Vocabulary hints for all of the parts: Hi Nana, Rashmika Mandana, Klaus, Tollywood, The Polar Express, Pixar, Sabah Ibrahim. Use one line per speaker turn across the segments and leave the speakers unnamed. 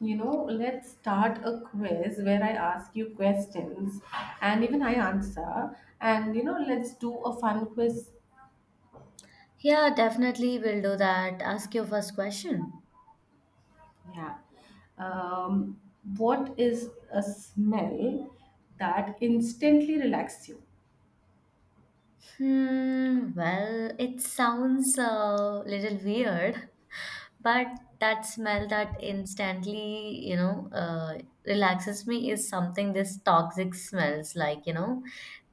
Let's start a quiz where I ask you questions and even I answer. Let's do a fun quiz.
Yeah, definitely will do that. Ask your first question.
Yeah. Um, what is a smell that instantly relaxes you?
Hmm, well, it sounds a little weird, but that smell that instantly, relaxes me is something this toxic smells like,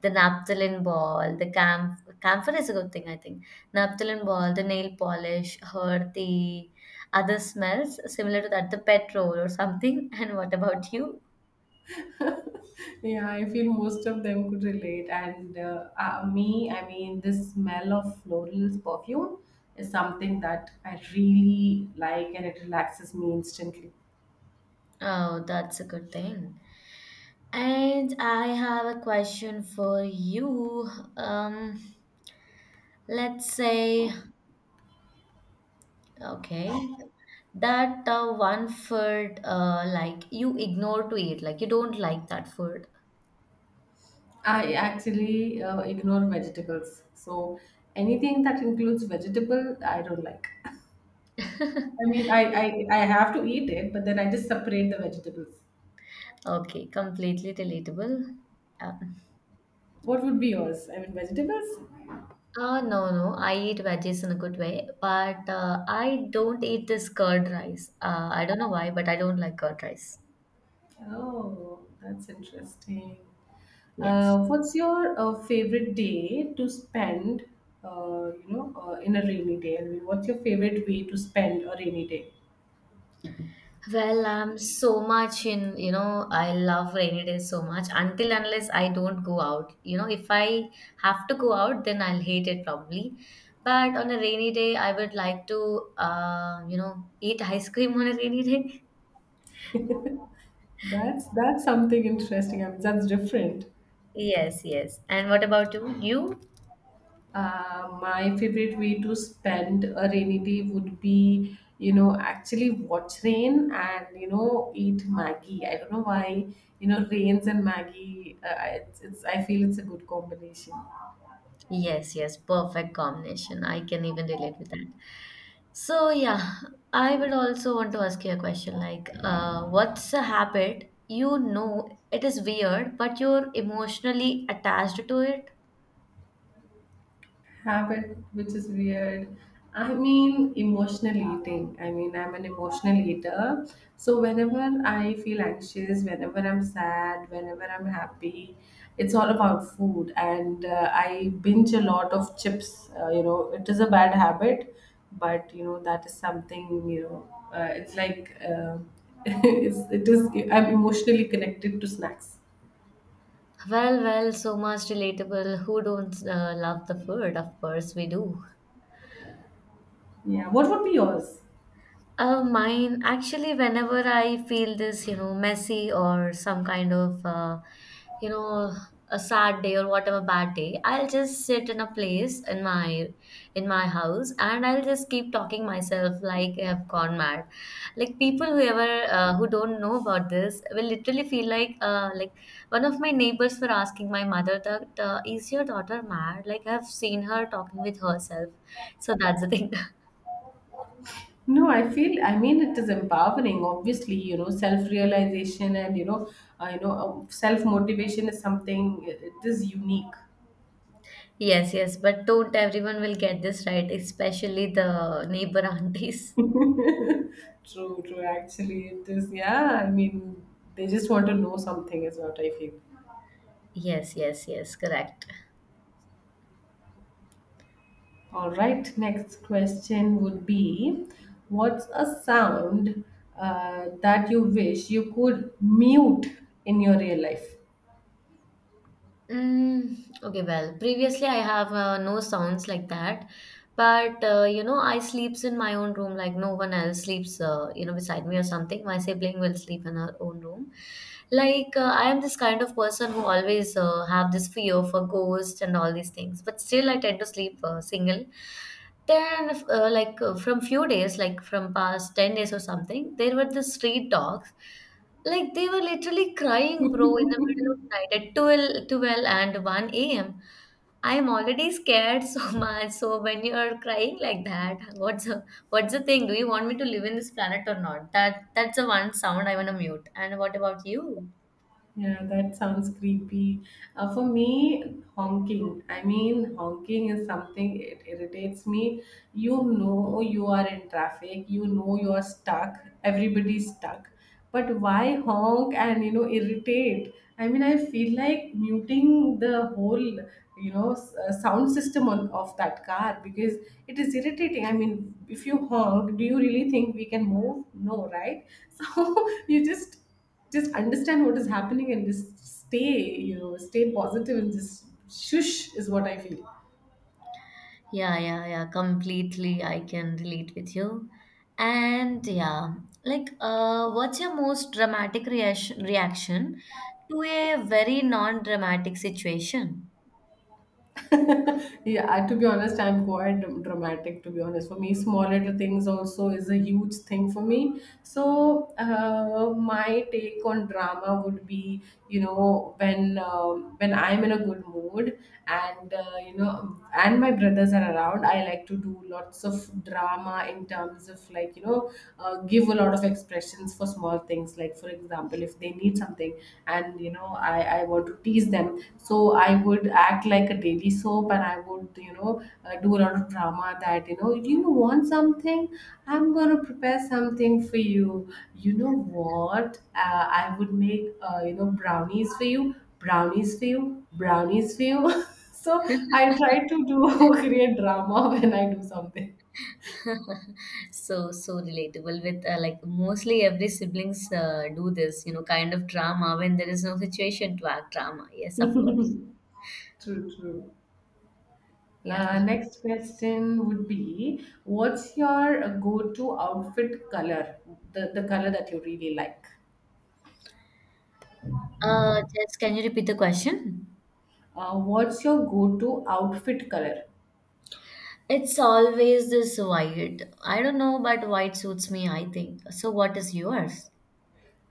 the naphthalene ball, the camphor is a good thing, I think. Naphthalene ball, the nail polish, or the other smells similar to that, the petrol or something. And what about you?
Yeah, I feel most of them could relate. And Me, the smell of florals perfume is something that I really like and it relaxes me instantly.
Oh, that's a good thing. And I have a question for you. Um, let's say, okay, that one food like you ignore to eat, like you don't like that food.
I actually ignore vegetables. So anything that includes vegetable, I don't like. I mean, I have to eat it, but then I just separate the vegetables.
Okay, completely relatable. Um,
What would be yours? I mean, vegetables?
no, no, I eat veggies in a good way, but I don't eat this curd rice. I don't know why, but I don't like curd rice.
Oh, that's interesting.
Yes.
What's your favorite day to spend, in a rainy day? I mean, what's your favorite way to spend a rainy day?
Well, I'm so much in, I love rainy days so much until unless I don't go out. You know, if I have to go out, then I'll hate it probably. But on a rainy day, I would like to, eat ice cream on a rainy day.
That's something interesting. I mean, that's different.
Yes, yes. And what about you? You?
My favorite way to spend a rainy day would be, you know, actually watch rain and, you know, eat Maggie. I don't know why, you know, rains and Maggie, I feel it's a good combination.
Yes, yes. Perfect combination. I can even relate with that. So yeah, I would also want to ask you a question like, what's a habit you know it is weird, but you're emotionally attached to it?
Habit which is weird. I mean, emotional eating. I mean, I'm an emotional eater. So whenever I feel anxious, whenever I'm sad, whenever I'm happy, it's all about food. And I binge a lot of chips. You know, it is a bad habit, but you know, that is something, you know, it's like it is, I'm emotionally connected to snacks.
Well, well, so much relatable. Who don't love the food? Of course, we do.
Yeah, what would be yours?
Mine actually, whenever I feel this, messy or some kind of, you know, a sad day or whatever bad day, I'll just sit in a place in my house and I'll just keep talking myself like I've gone mad. Like people whoever who don't know about this will literally feel like one of my neighbors were asking my mother that is your daughter mad? Like I've seen her talking with herself. So that's the thing.
No, I feel, I mean, it is empowering, obviously, you know, self-realization and, you know, self-motivation is something, it is unique.
Yes, yes, but don't everyone will get this right, especially the neighbor aunties.
True, true, actually, it is, yeah, I mean, they just want to know something is what I feel.
Yes, yes, yes, correct.
All right, next question would be, what's a sound that you wish you could mute in your real life?
Mm, okay, well, previously I have no sounds like that, but I sleeps in my own room like no one else sleeps, beside me or something. My sibling will sleep in her own room. I am this kind of person who always have this fear for ghosts and all these things, but still I tend to sleep single. Then, from few days, like from past 10 days or something, there were the street dogs. Like they were literally crying, bro, in the middle of night at twelve, and 1 a.m. I am already scared so much. So when you are crying like that, what's the thing? Do you want me to live in this planet or not? That's the one sound I want to mute. And what about you?
Yeah, that sounds creepy. For me, honking. I mean, honking is something it irritates me. You know you are in traffic. You know you are stuck. Everybody's stuck. But why honk and you know irritate? I mean, I feel like muting the whole, you know, sound system on, of that car because it is irritating. I mean, if you honk, do you really think we can move? No, right? So you just understand what is happening and just stay, you know, stay positive and just shush is what I feel.
Yeah, yeah, yeah, completely. I can relate with you. And yeah, like, what's your most dramatic reaction to a very non-dramatic situation?
Yeah, I- to be honest, I'm quite dramatic. To be honest, for me, small little things also is a huge thing for me. So my take on drama would be, you know, when I'm in a good mood and you know, and my brothers are around, I like to do lots of drama in terms of, like, you know, give a lot of expressions for small things. Like, for example, if they need something and you know I want to tease them. So I would act like a daily soap and I would, you know, do a lot of drama that, you know, you want something, I'm going to prepare something for you, you know what, I would make, you know, brownies for you, brownies for you, brownies for you. So I try to do create drama when I do something.
So so relatable with like mostly every siblings do this you know kind of drama when there is no situation to act drama, yes, of course.
True, true.
Yeah.
Next question would be, what's your go-to outfit color? The color that you really like.
Just can you repeat the question?
What's your go-to outfit color?
It's always this white. I don't know, but white suits me, I think. So what is yours?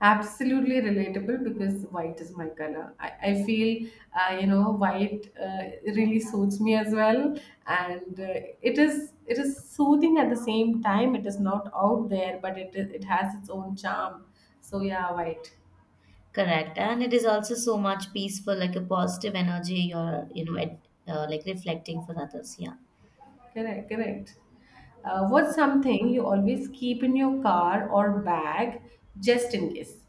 Absolutely relatable because white is my color. I feel, white really suits me as well, and it is soothing at the same time. It is not out there, but it is, it has its own charm. So yeah, white.
Correct, and it is also so much peaceful, like a positive energy, or you know it, like reflecting for others. Yeah.
Correct, correct. What's something you always keep in your car or bag just in case?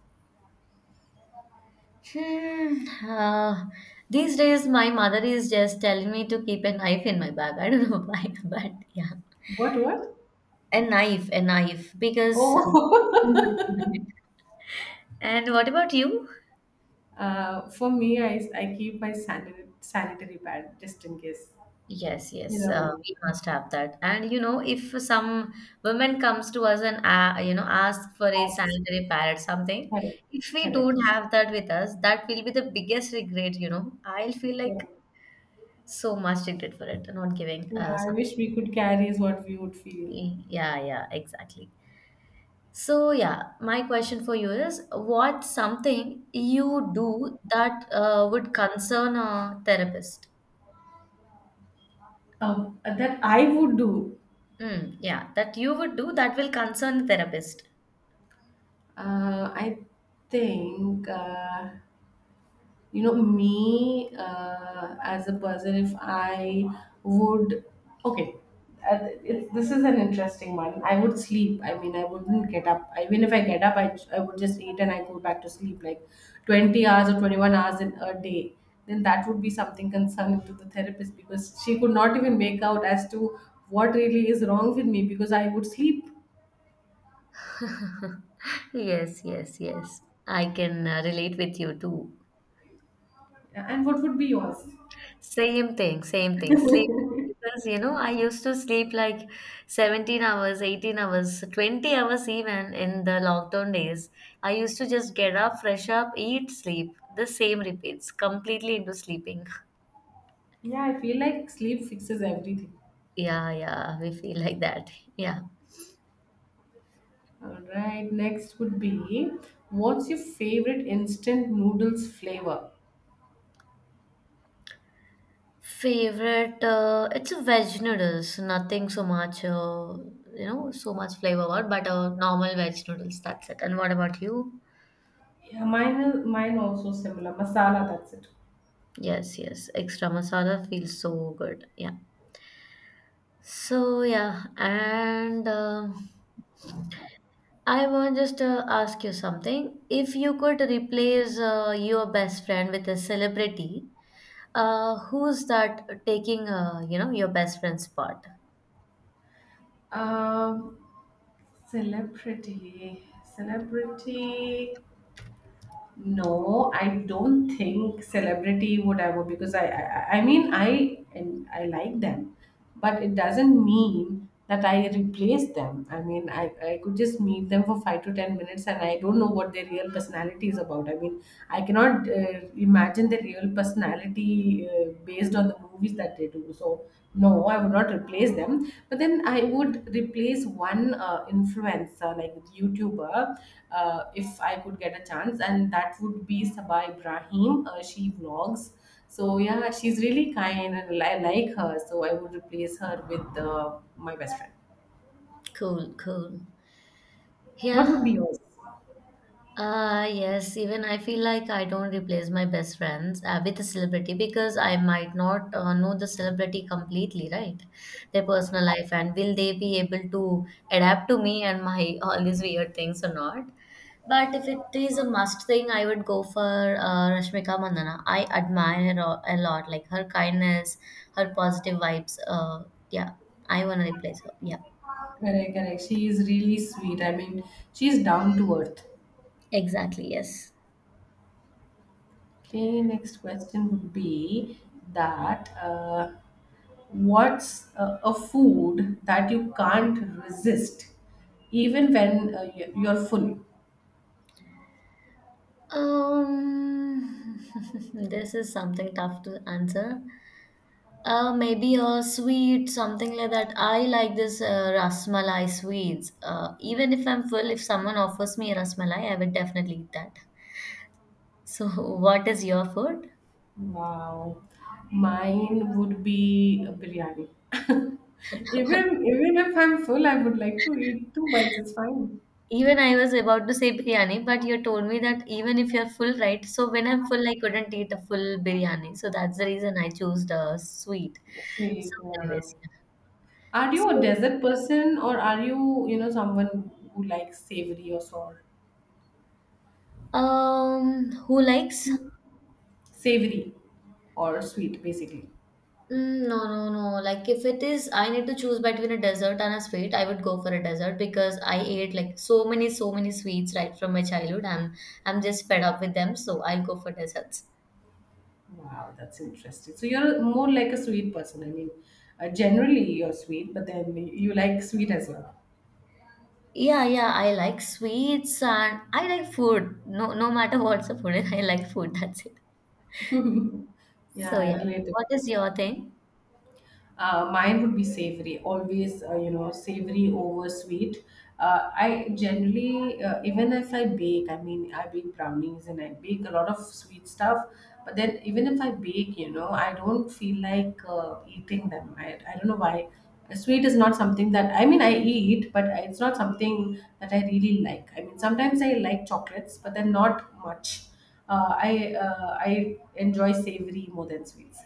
Hmm. These days, my mother is just telling me to keep a knife in my bag. I don't know why, but yeah,
What, what?
a knife, because.
Oh,
And what about you?
for me, I keep my sanitary pad just in case.
Yes,
You
yes,
never know.
we must have that. And you know, if some woman comes to us and ask for a
Asks.
sanitary pad or something,
Correct,
if we
correct,
don't have that with us, that will be the biggest regret. You know, I'll feel like
correct.
so much regret for it, not giving.
Yeah, I
Some,
wish we could carry is what we would feel.
yeah, yeah, exactly. So, yeah, my question for you is what's something you do that would concern a therapist?
That I would do.
Mm, yeah, that you would do that will concern a therapist.
I think. You know, me as a person, if I would, okay, this is an interesting one. I would sleep. I mean, I wouldn't get up. Even if I get up, I would just eat and I go back to sleep like 20 hours or 21 hours in a day. Then that would be something concerning to the therapist because she could not even make out as to what really is wrong with me because I would sleep.
Yes, yes, yes. I can relate with you too.
And what would be yours?
Same thing, same thing. Sleep, because you know I used to sleep like 17 hours, 18 hours, 20 hours even in the lockdown days. I used to just get up, fresh up, eat, sleep. The same repeats, completely into sleeping.
Yeah, I feel like sleep fixes everything.
Yeah, yeah, we feel like that. Yeah.
All right, next would be what's your favorite instant noodles flavor?
Favorite, it's a veg noodles, nothing so much, so much flavor, about, but normal veg noodles, that's it. And what about you?
Yeah, mine is mine also similar. Masala, that's it.
Yes, yes, extra masala feels so good. Yeah. So yeah, and I want just to ask you something. If you could replace your best friend with a celebrity, who's that taking you know your best friend's spot?
Um, Celebrity, celebrity. No, I don't think celebrity would ever because I mean I and I like them, but it doesn't mean that I replace them. I mean I could just meet them for 5 to 10 minutes and I don't know what their real personality is about. I mean I cannot imagine the real personality based on the movies that they do. So no, I would not replace them. But then I would replace one influencer, like YouTuber, if I could get a chance, and that would be Sabah Ibrahim. She vlogs. So yeah, she's really kind, and I like her. So I would replace her with my best friend.
Cool, cool.
What
Yeah.
would be yours?
Yes, even I feel like I don't replace my best friends with a celebrity because I might not know the celebrity completely, right? Their personal life and will they be able to adapt to me and my all these weird things or not? But if it is a must thing, I would go for Rashmika Mandana. I admire her a lot, like her kindness, her positive vibes. Yeah, I want to replace her. Yeah,
Correct, correct. She is really sweet. I mean, she's down to earth.
exactly. Yes.
Okay, next question would be that what's a food that you can't resist even when you're full?
Um, this is something tough to answer. Maybe a sweet, something like that. I like this rasmalai sweets. Even if I'm full, if someone offers me a rasmalai, I would definitely eat that. So, what is your food?
Wow, mine would be a biryani. Even even if I'm full, I would like to eat two bites. It's fine.
Even I was about to say biryani, but you told me that even if you're full, right? So when I'm full, I couldn't eat a full biryani. So that's the reason I chose the sweet.
Yes, we-
So,
yeah.
anyways, yeah.
Are you a
So,
dessert person or are you, you know, someone who likes savory or sour?
who likes?
Savory or sweet, basically.
Mm, no, no, no. Like if it is, I need to choose between a dessert and a sweet. I would go for a dessert because I ate like so many, so many sweets right from my childhood, I'm just fed up with them. So I'll go for desserts.
Wow, that's interesting. So you're more like a sweet person. I mean, generally you're sweet, but then you like sweet as well.
Yeah, yeah. I like sweets and I like food. No, no matter what's the food, I like food. That's it.
Yeah,
So
I
yeah.
relate.
What is your thing?
Mine would be savory, always, savory over sweet. I generally, even if I bake, I mean, I bake brownies and I bake a lot of sweet stuff. But then, even if I bake, you know, I don't feel like eating them. I don't know why. Sweet is not something that, I mean, I eat, but it's not something that I really like. I mean, sometimes I like chocolates, but then not much. I enjoy savory more than sweets.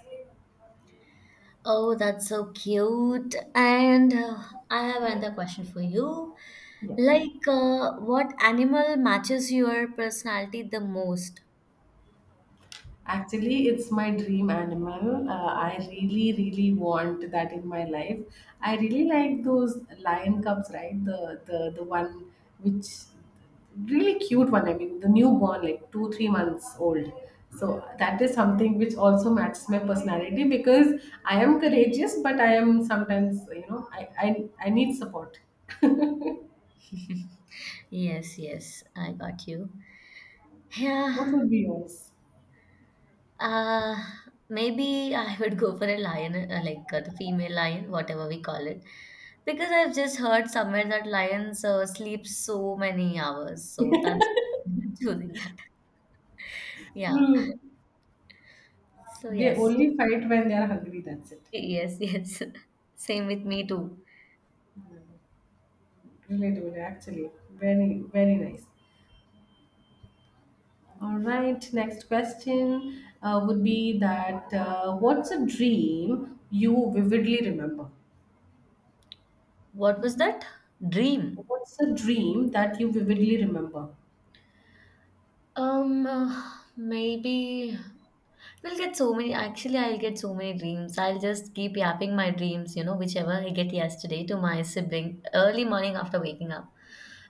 Oh, that's so cute. And I have another question for you.
Yeah.
Like, what animal matches your personality the most?
Actually, it's my dream animal. I really, really want that in my life. I really like those lion cubs, right? The one which really cute one. I mean, the newborn, like 2 3 months old. So that is something which also matches my personality because I am courageous, but I am sometimes you know I need support.
Yes, yes, I got you. Yeah,
What would be yours?
uh, maybe I would go for a lion, the female lion, whatever we call it, because I've just heard somewhere that lions sleep so many hours, so that's choosing that. Yeah.
True.
So
They
yes,
only fight when they are hungry. That's it.
yes, yes. Same with me too.
Really good, actually. Very, very nice. All right, next question would be that what's a dream you vividly remember?
What was that? Dream.
What's a dream that you vividly remember?
Um, uh, maybe. We'll get so many, actually, I'll get so many dreams. I'll just keep yapping my dreams, you know, whichever I get yesterday to my sibling early morning after waking up.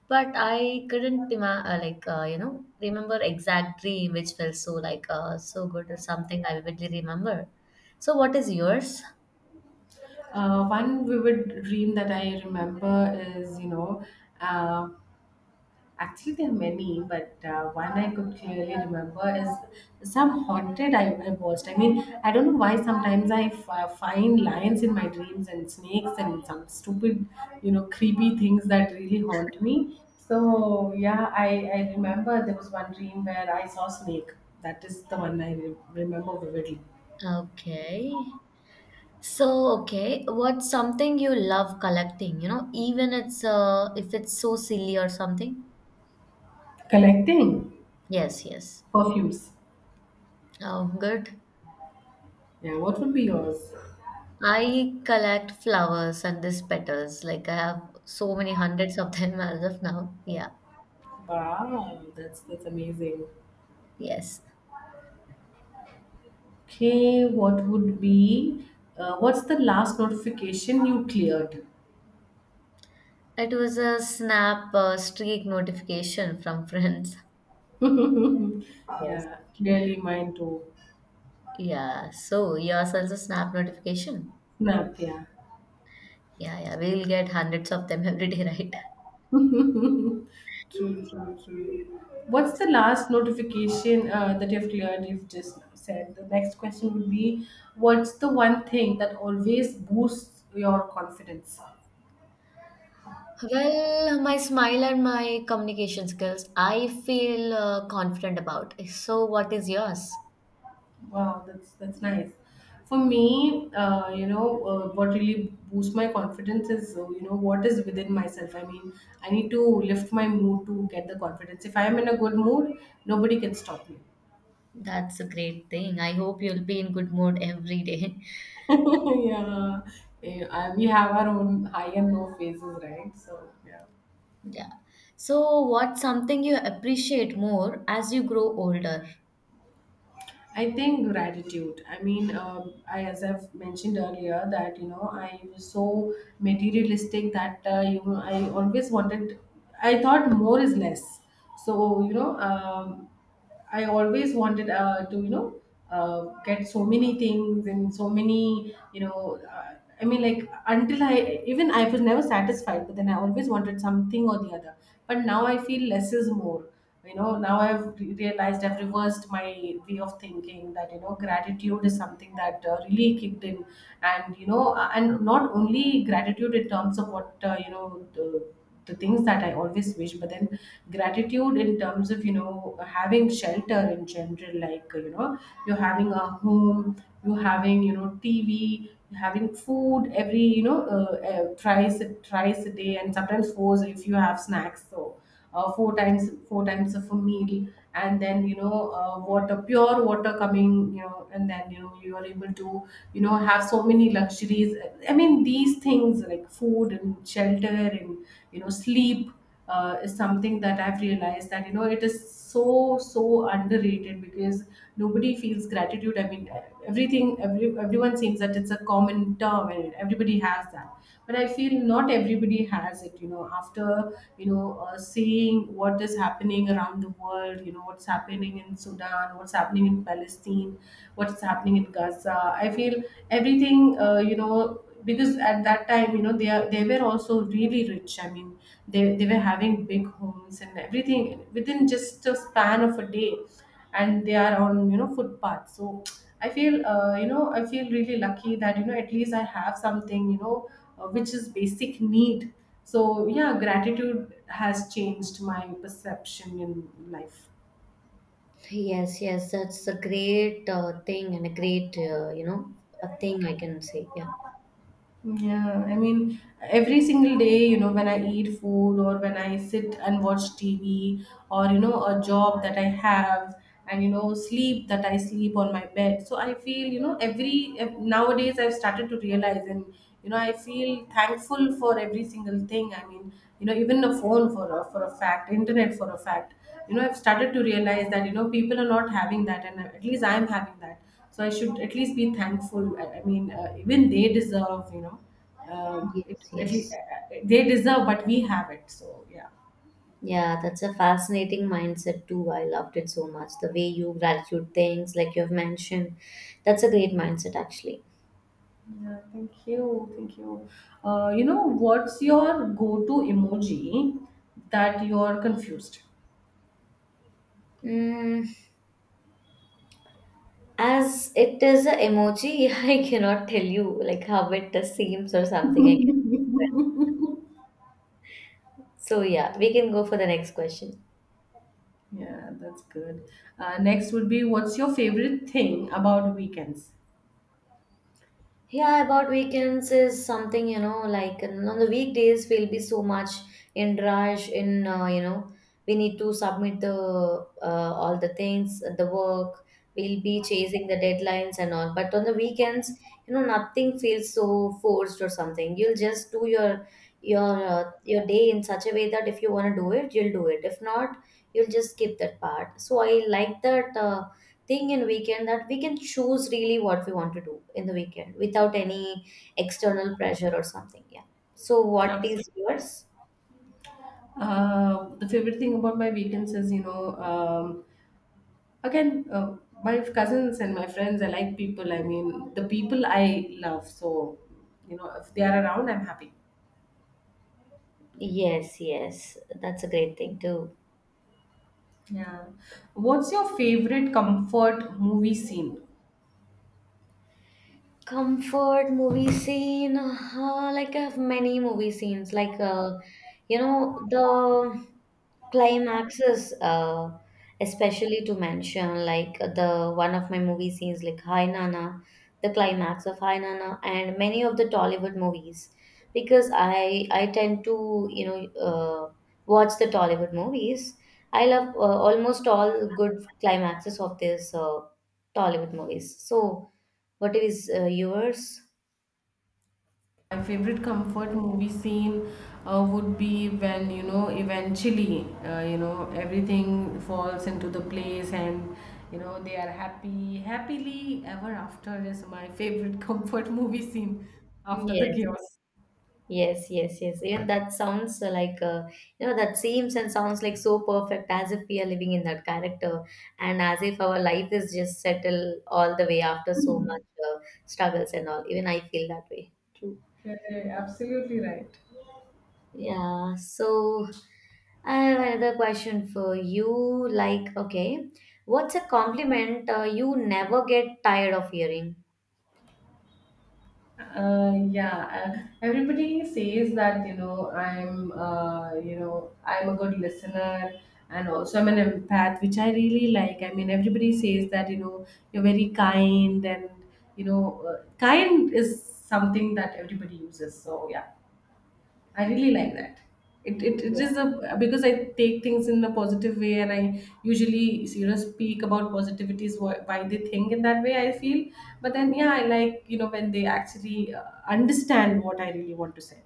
But I couldn't, remember exact dream which felt so, so good or something I vividly remember. So, what is yours?
One vivid dream that I remember is, you know, uh, actually, there are many, but one I could clearly remember is some haunted I have watched. I mean, I don't know why sometimes find lions in my dreams and snakes and some stupid, you know, creepy things that really haunt me. So, yeah, I remember there was one dream where I saw snake. That is the one remember vividly.
Okay. So, okay, what's something you love collecting, you know, even it's, if it's so silly or something?
Collecting
Yes, yes.
perfumes.
Oh, good.
Yeah, what would be yours?
I collect flowers and these petals. Like I have so many hundreds of them as of now. Yeah.
Wow, that's amazing.
Yes.
Okay, what would be, what's the last notification you cleared?
It was a snap streak notification from friends. Yes.
Yeah, clearly mine too.
Yeah. So yours also snap notification.
Snap, yeah.
Yeah, yeah. We'll get hundreds of them every day, right?
True, true, true. What's the last notification that you've cleared? You've just said. The next question would be, what's the one thing that always boosts your confidence?
Well, my smile and my communication skills, I feel confident about. So what is yours?
Wow, that's nice. For me, what really boosts my confidence is, what is within myself. I mean, I need to lift my mood to get the confidence. If I am in a good mood, nobody can stop me.
That's a great thing. I hope you'll be in good mood every day.
Yeah. Yeah, we have our own high and low phases, right? So yeah.
Yeah. So, what's something you appreciate more as you grow older?
I think gratitude. I mean, I as I've mentioned earlier that you know I was so materialistic that you know I always wanted. I thought more is less. So you know, I always wanted to you know get so many things and so many you know. I mean, like until I even I was never satisfied, but then I always wanted something or the other. But now I feel less is more. Now realized I've reversed my way of thinking that gratitude is something that really kicked in, and you know and not only gratitude in terms of what, the things that I always wish, but then gratitude in terms of, having shelter in general, like you're having a home, you're having, TV, you're having food every twice a day, and sometimes fours if you have snacks. So four times of a meal. And then, water, pure water coming, and then you are able to have so many luxuries. I mean, these things like food and shelter and, sleep, is something that I've realized that, it is so, so, so underrated because nobody feels gratitude. I mean, everyone seems that it's a common term, and everybody has that. But I feel not everybody has it. After seeing what is happening around the world, you know what's happening in Sudan, what's happening in Palestine, what's happening in Gaza. I feel everything, because at that time, they were also really rich. I mean, they were having big homes and everything within just a span of a day, and they are on, footpaths. So I feel really lucky that, at least I have something, which is basic need. So yeah, gratitude has changed my perception in life.
Yes, yes, that's a great thing and a great, a thing I can say. Yeah.
Yeah, I mean, every single day, when I eat food, or when I sit and watch TV, or, a job that I have, and, sleep that I sleep on my bed. So I feel, nowadays I've started to realize, and, I feel thankful for every single thing. I mean, even a phone for a fact, internet for a fact. You know, I've started to realize that, people are not having that, and at least I'm having that, so I should at least be thankful. I mean, even they deserve, it
Yes,
at least,
yes.
they deserve, but we have it, so yeah.
Yeah, that's a fascinating mindset too. I loved it so much. The way you gratitude things, like you have mentioned, that's a great mindset actually.
Yeah, thank you, thank you. What's your go-to emoji that you're confused?
Mm, as it is a emoji, I cannot tell you like how it seems or something. I can. So yeah, we can go for the next question.
Yeah, that's good. Next would be, what's your favorite thing about weekends?
Yeah, about weekends is something, you know, like and on the weekdays we'll be so much in rush in, we need to submit the all the things, the work, we'll be chasing the deadlines and all. But on the weekends, you know, nothing feels so forced or something. You'll just do your day in such a way that if you want to do it, you'll do it. If not, you'll just skip that part. So I like that thing in weekend that we can choose really what we want to do in the weekend without any external pressure or something. Yeah, so what
Abs-
is yours?
Uh, the favorite thing about my weekends is, um, again, my cousins and my friends. I like people. I mean, the people I love. So, if they are around, I'm happy.
Yes, yes, that's a great thing to.
Yeah. What's your favorite comfort movie scene?
Comfort movie scene, like I have many movie scenes. Like, the climaxes, especially to mention, like the one of my movie scenes, like Hi Nana, the climax of Hi Nana, and many of the Tollywood movies, because I tend to uh, watch the Tollywood movies. I love almost all good climaxes of this Tollywood movies. So. What is yours?
My favorite comfort movie scene would be when, eventually, everything falls into the place, and, they are happy. Happily ever after is my favorite comfort movie scene after the
Yes.
chaos.
Yes, yes, yes. Even that sounds that seems and sounds like so perfect as if we are living in that character and as if our life is just settled all the way after so much uh, struggles and all. Even I feel that way. True.
Okay, absolutely right.
Yeah. So I have another question for you. Like, okay, what's a compliment you never get tired of hearing?
Yeah, everybody says that, I'm a good listener, and also I'm an empath, which I really like. I mean, everybody says that, you're very kind, and, kind is something that everybody uses. So, yeah. I really like that. It
Yes.
is a because I take things in a positive way, and I usually speak about positivities, why they think in that way, I feel, but then, yeah, I like, when they actually understand what I really want to say,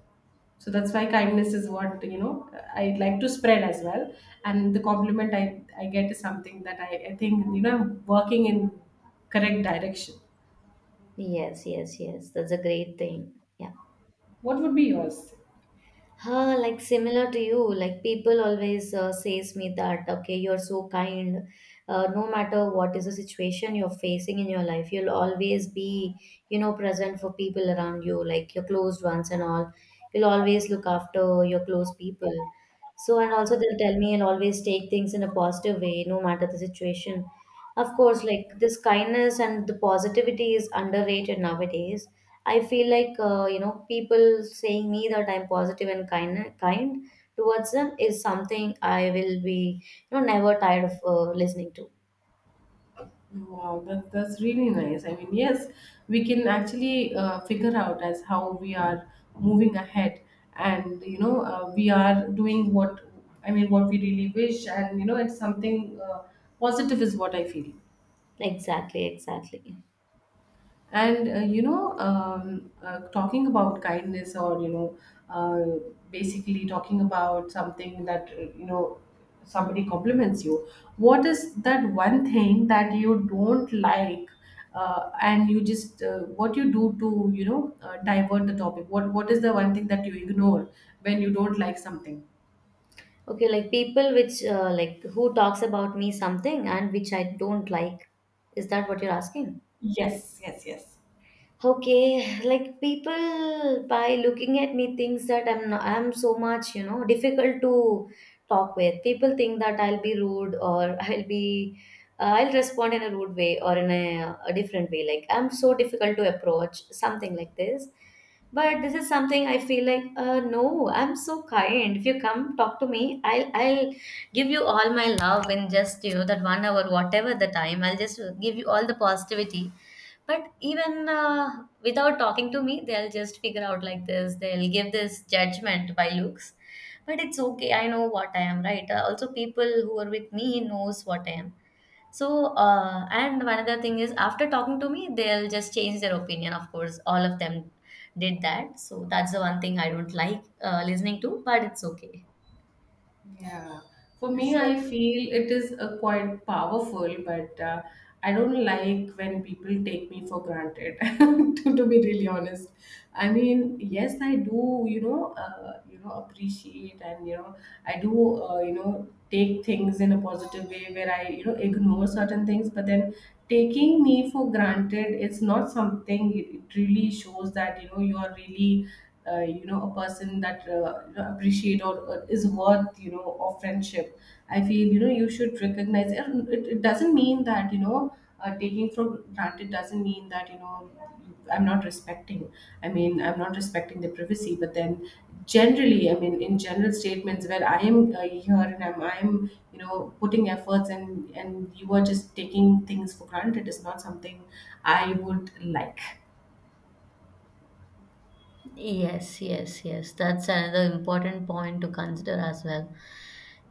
so that's why kindness is what, I like to spread as well, and the compliment I get is something that I think, I'm working in correct direction.
Yes, yes, yes. That's a great thing.
What would be yours?
Huh, like similar to you, like people always says me that okay, you're so kind. No matter what is the situation you're facing in your life, you'll always be, you know, present for people around you, like your closed ones and all. You'll always look after your close people. So, and also they'll tell me I'll always take things in a positive way, no matter the situation. Of course, like this kindness and the positivity is underrated nowadays. I feel like you know, people saying me that I'm positive and kind towards them is something I will be, you know, never tired of listening to.
Wow, that's really nice. I mean, yes, we can actually figure out as how we are moving ahead, and, we are doing what, I mean, what we really wish, and, it's something positive is what I feel.
Exactly, exactly.
And, talking about kindness, or uh, basically talking about something that, somebody compliments you, what is that one thing that you don't like, and you just what you do to, divert the topic. What is the one thing that you ignore when you don't like something?
Okay, like people which like who talks about me something and which I don't like. Is that what you're asking?
Yes, yes, yes.
Okay, like people by looking at me thinks that I'm not, I'm so much, you know, difficult to talk with. People think that I'll be rude or I'll be I'll respond in a rude way or in a different way. Like I'm so difficult to approach, something like this. But this is something I feel like no, I'm so kind. If you come talk to me, I'll give you all my love in just, you know, that 1 hour, whatever the time. I'll just give you all the positivity but even without talking to me, they'll just figure out like this. They'll give this judgment by looks. But it's okay. I know what I am, right? Also, people who are with me knows what I am. So, and one other thing is, after talking to me, they'll just change their opinion. Of course, all of them did that. So that's the one thing I don't like listening to. But it's okay.
Yeah, for me,
So
I feel it is a quite powerful, but I don't like when people take me for granted. To be really honest, I mean, yes, I do. Appreciate, and, I do. Take things in a positive way where I ignore certain things, but then taking me for granted, it's not something. It really shows that, you are really a person that appreciate, or is worth, of friendship. I feel, you should recognize, and it doesn't mean that, taking for granted doesn't mean that, I'm not respecting. I mean, I'm not respecting the privacy, but then generally, I mean, in general statements, where I am here, and I'm putting efforts, and you are just taking things for granted, is not something I would like.
yes, yes, yes. That's another important point to consider as well.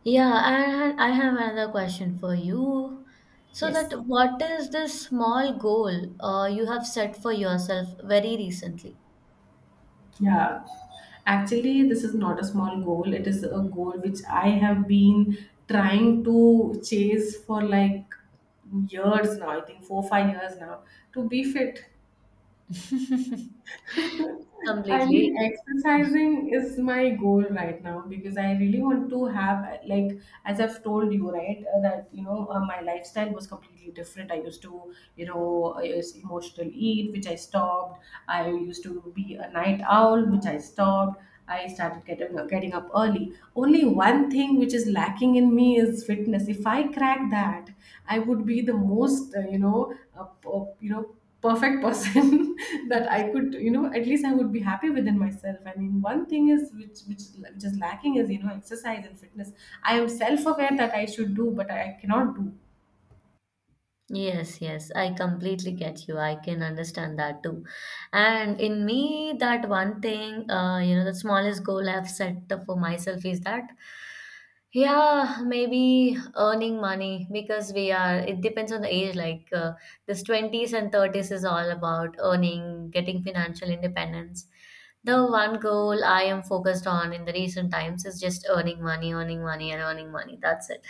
Yeah, and I have another question for you. So that
Yes.
what is this small goal you have set for yourself very recently?
Yeah, actually, this is not a small goal. It is a goal which I have been trying to chase for, like, years now. I think 4, 5 years now, to be fit. I mean,
Completely.
exercising is my goal right now, because I really want to have, like, as I've told you, right, that, my lifestyle was completely different. I used to, you know, I used emotional eat, which I stopped. I used to be a night owl, which I stopped. I started getting up early. Only one thing which is lacking in me is fitness. If I crack that, I would be the most, perfect person that I could, at least I would be happy within myself. I mean, one thing is which is lacking is, exercise and fitness. I am self aware that I should do, but I cannot do.
Yes, yes, I completely get you. I can understand that too. And in me, that one thing, the smallest goal I've set for myself is that, yeah, maybe earning money because it depends on the age. Like this 20s and 30s is all about earning, getting financial independence. The one goal I am focused on in the recent times is just earning money, and earning money. That's it.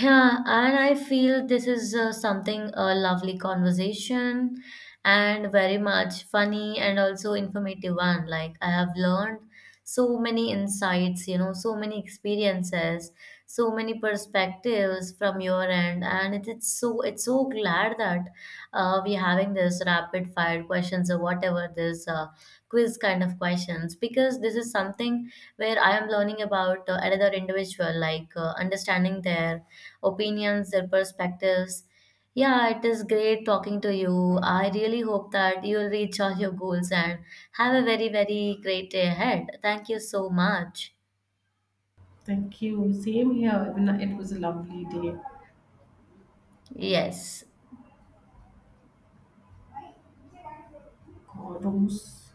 Yeah, and I feel this is something a lovely conversation and very much funny and also informative one. Like I have learned so many insights, you know, so many experiences, so many perspectives from your end, and it's so glad that we're having this rapid fire questions or whatever this quiz kind of questions because this is something where I am learning about another individual, like understanding their opinions, their perspectives. Yeah, it is great talking to you. I really hope that you will reach all your goals and have a very, very great day ahead. Thank you so much.
Thank you. Same here. It was a lovely day.
Yes.
God, Rose.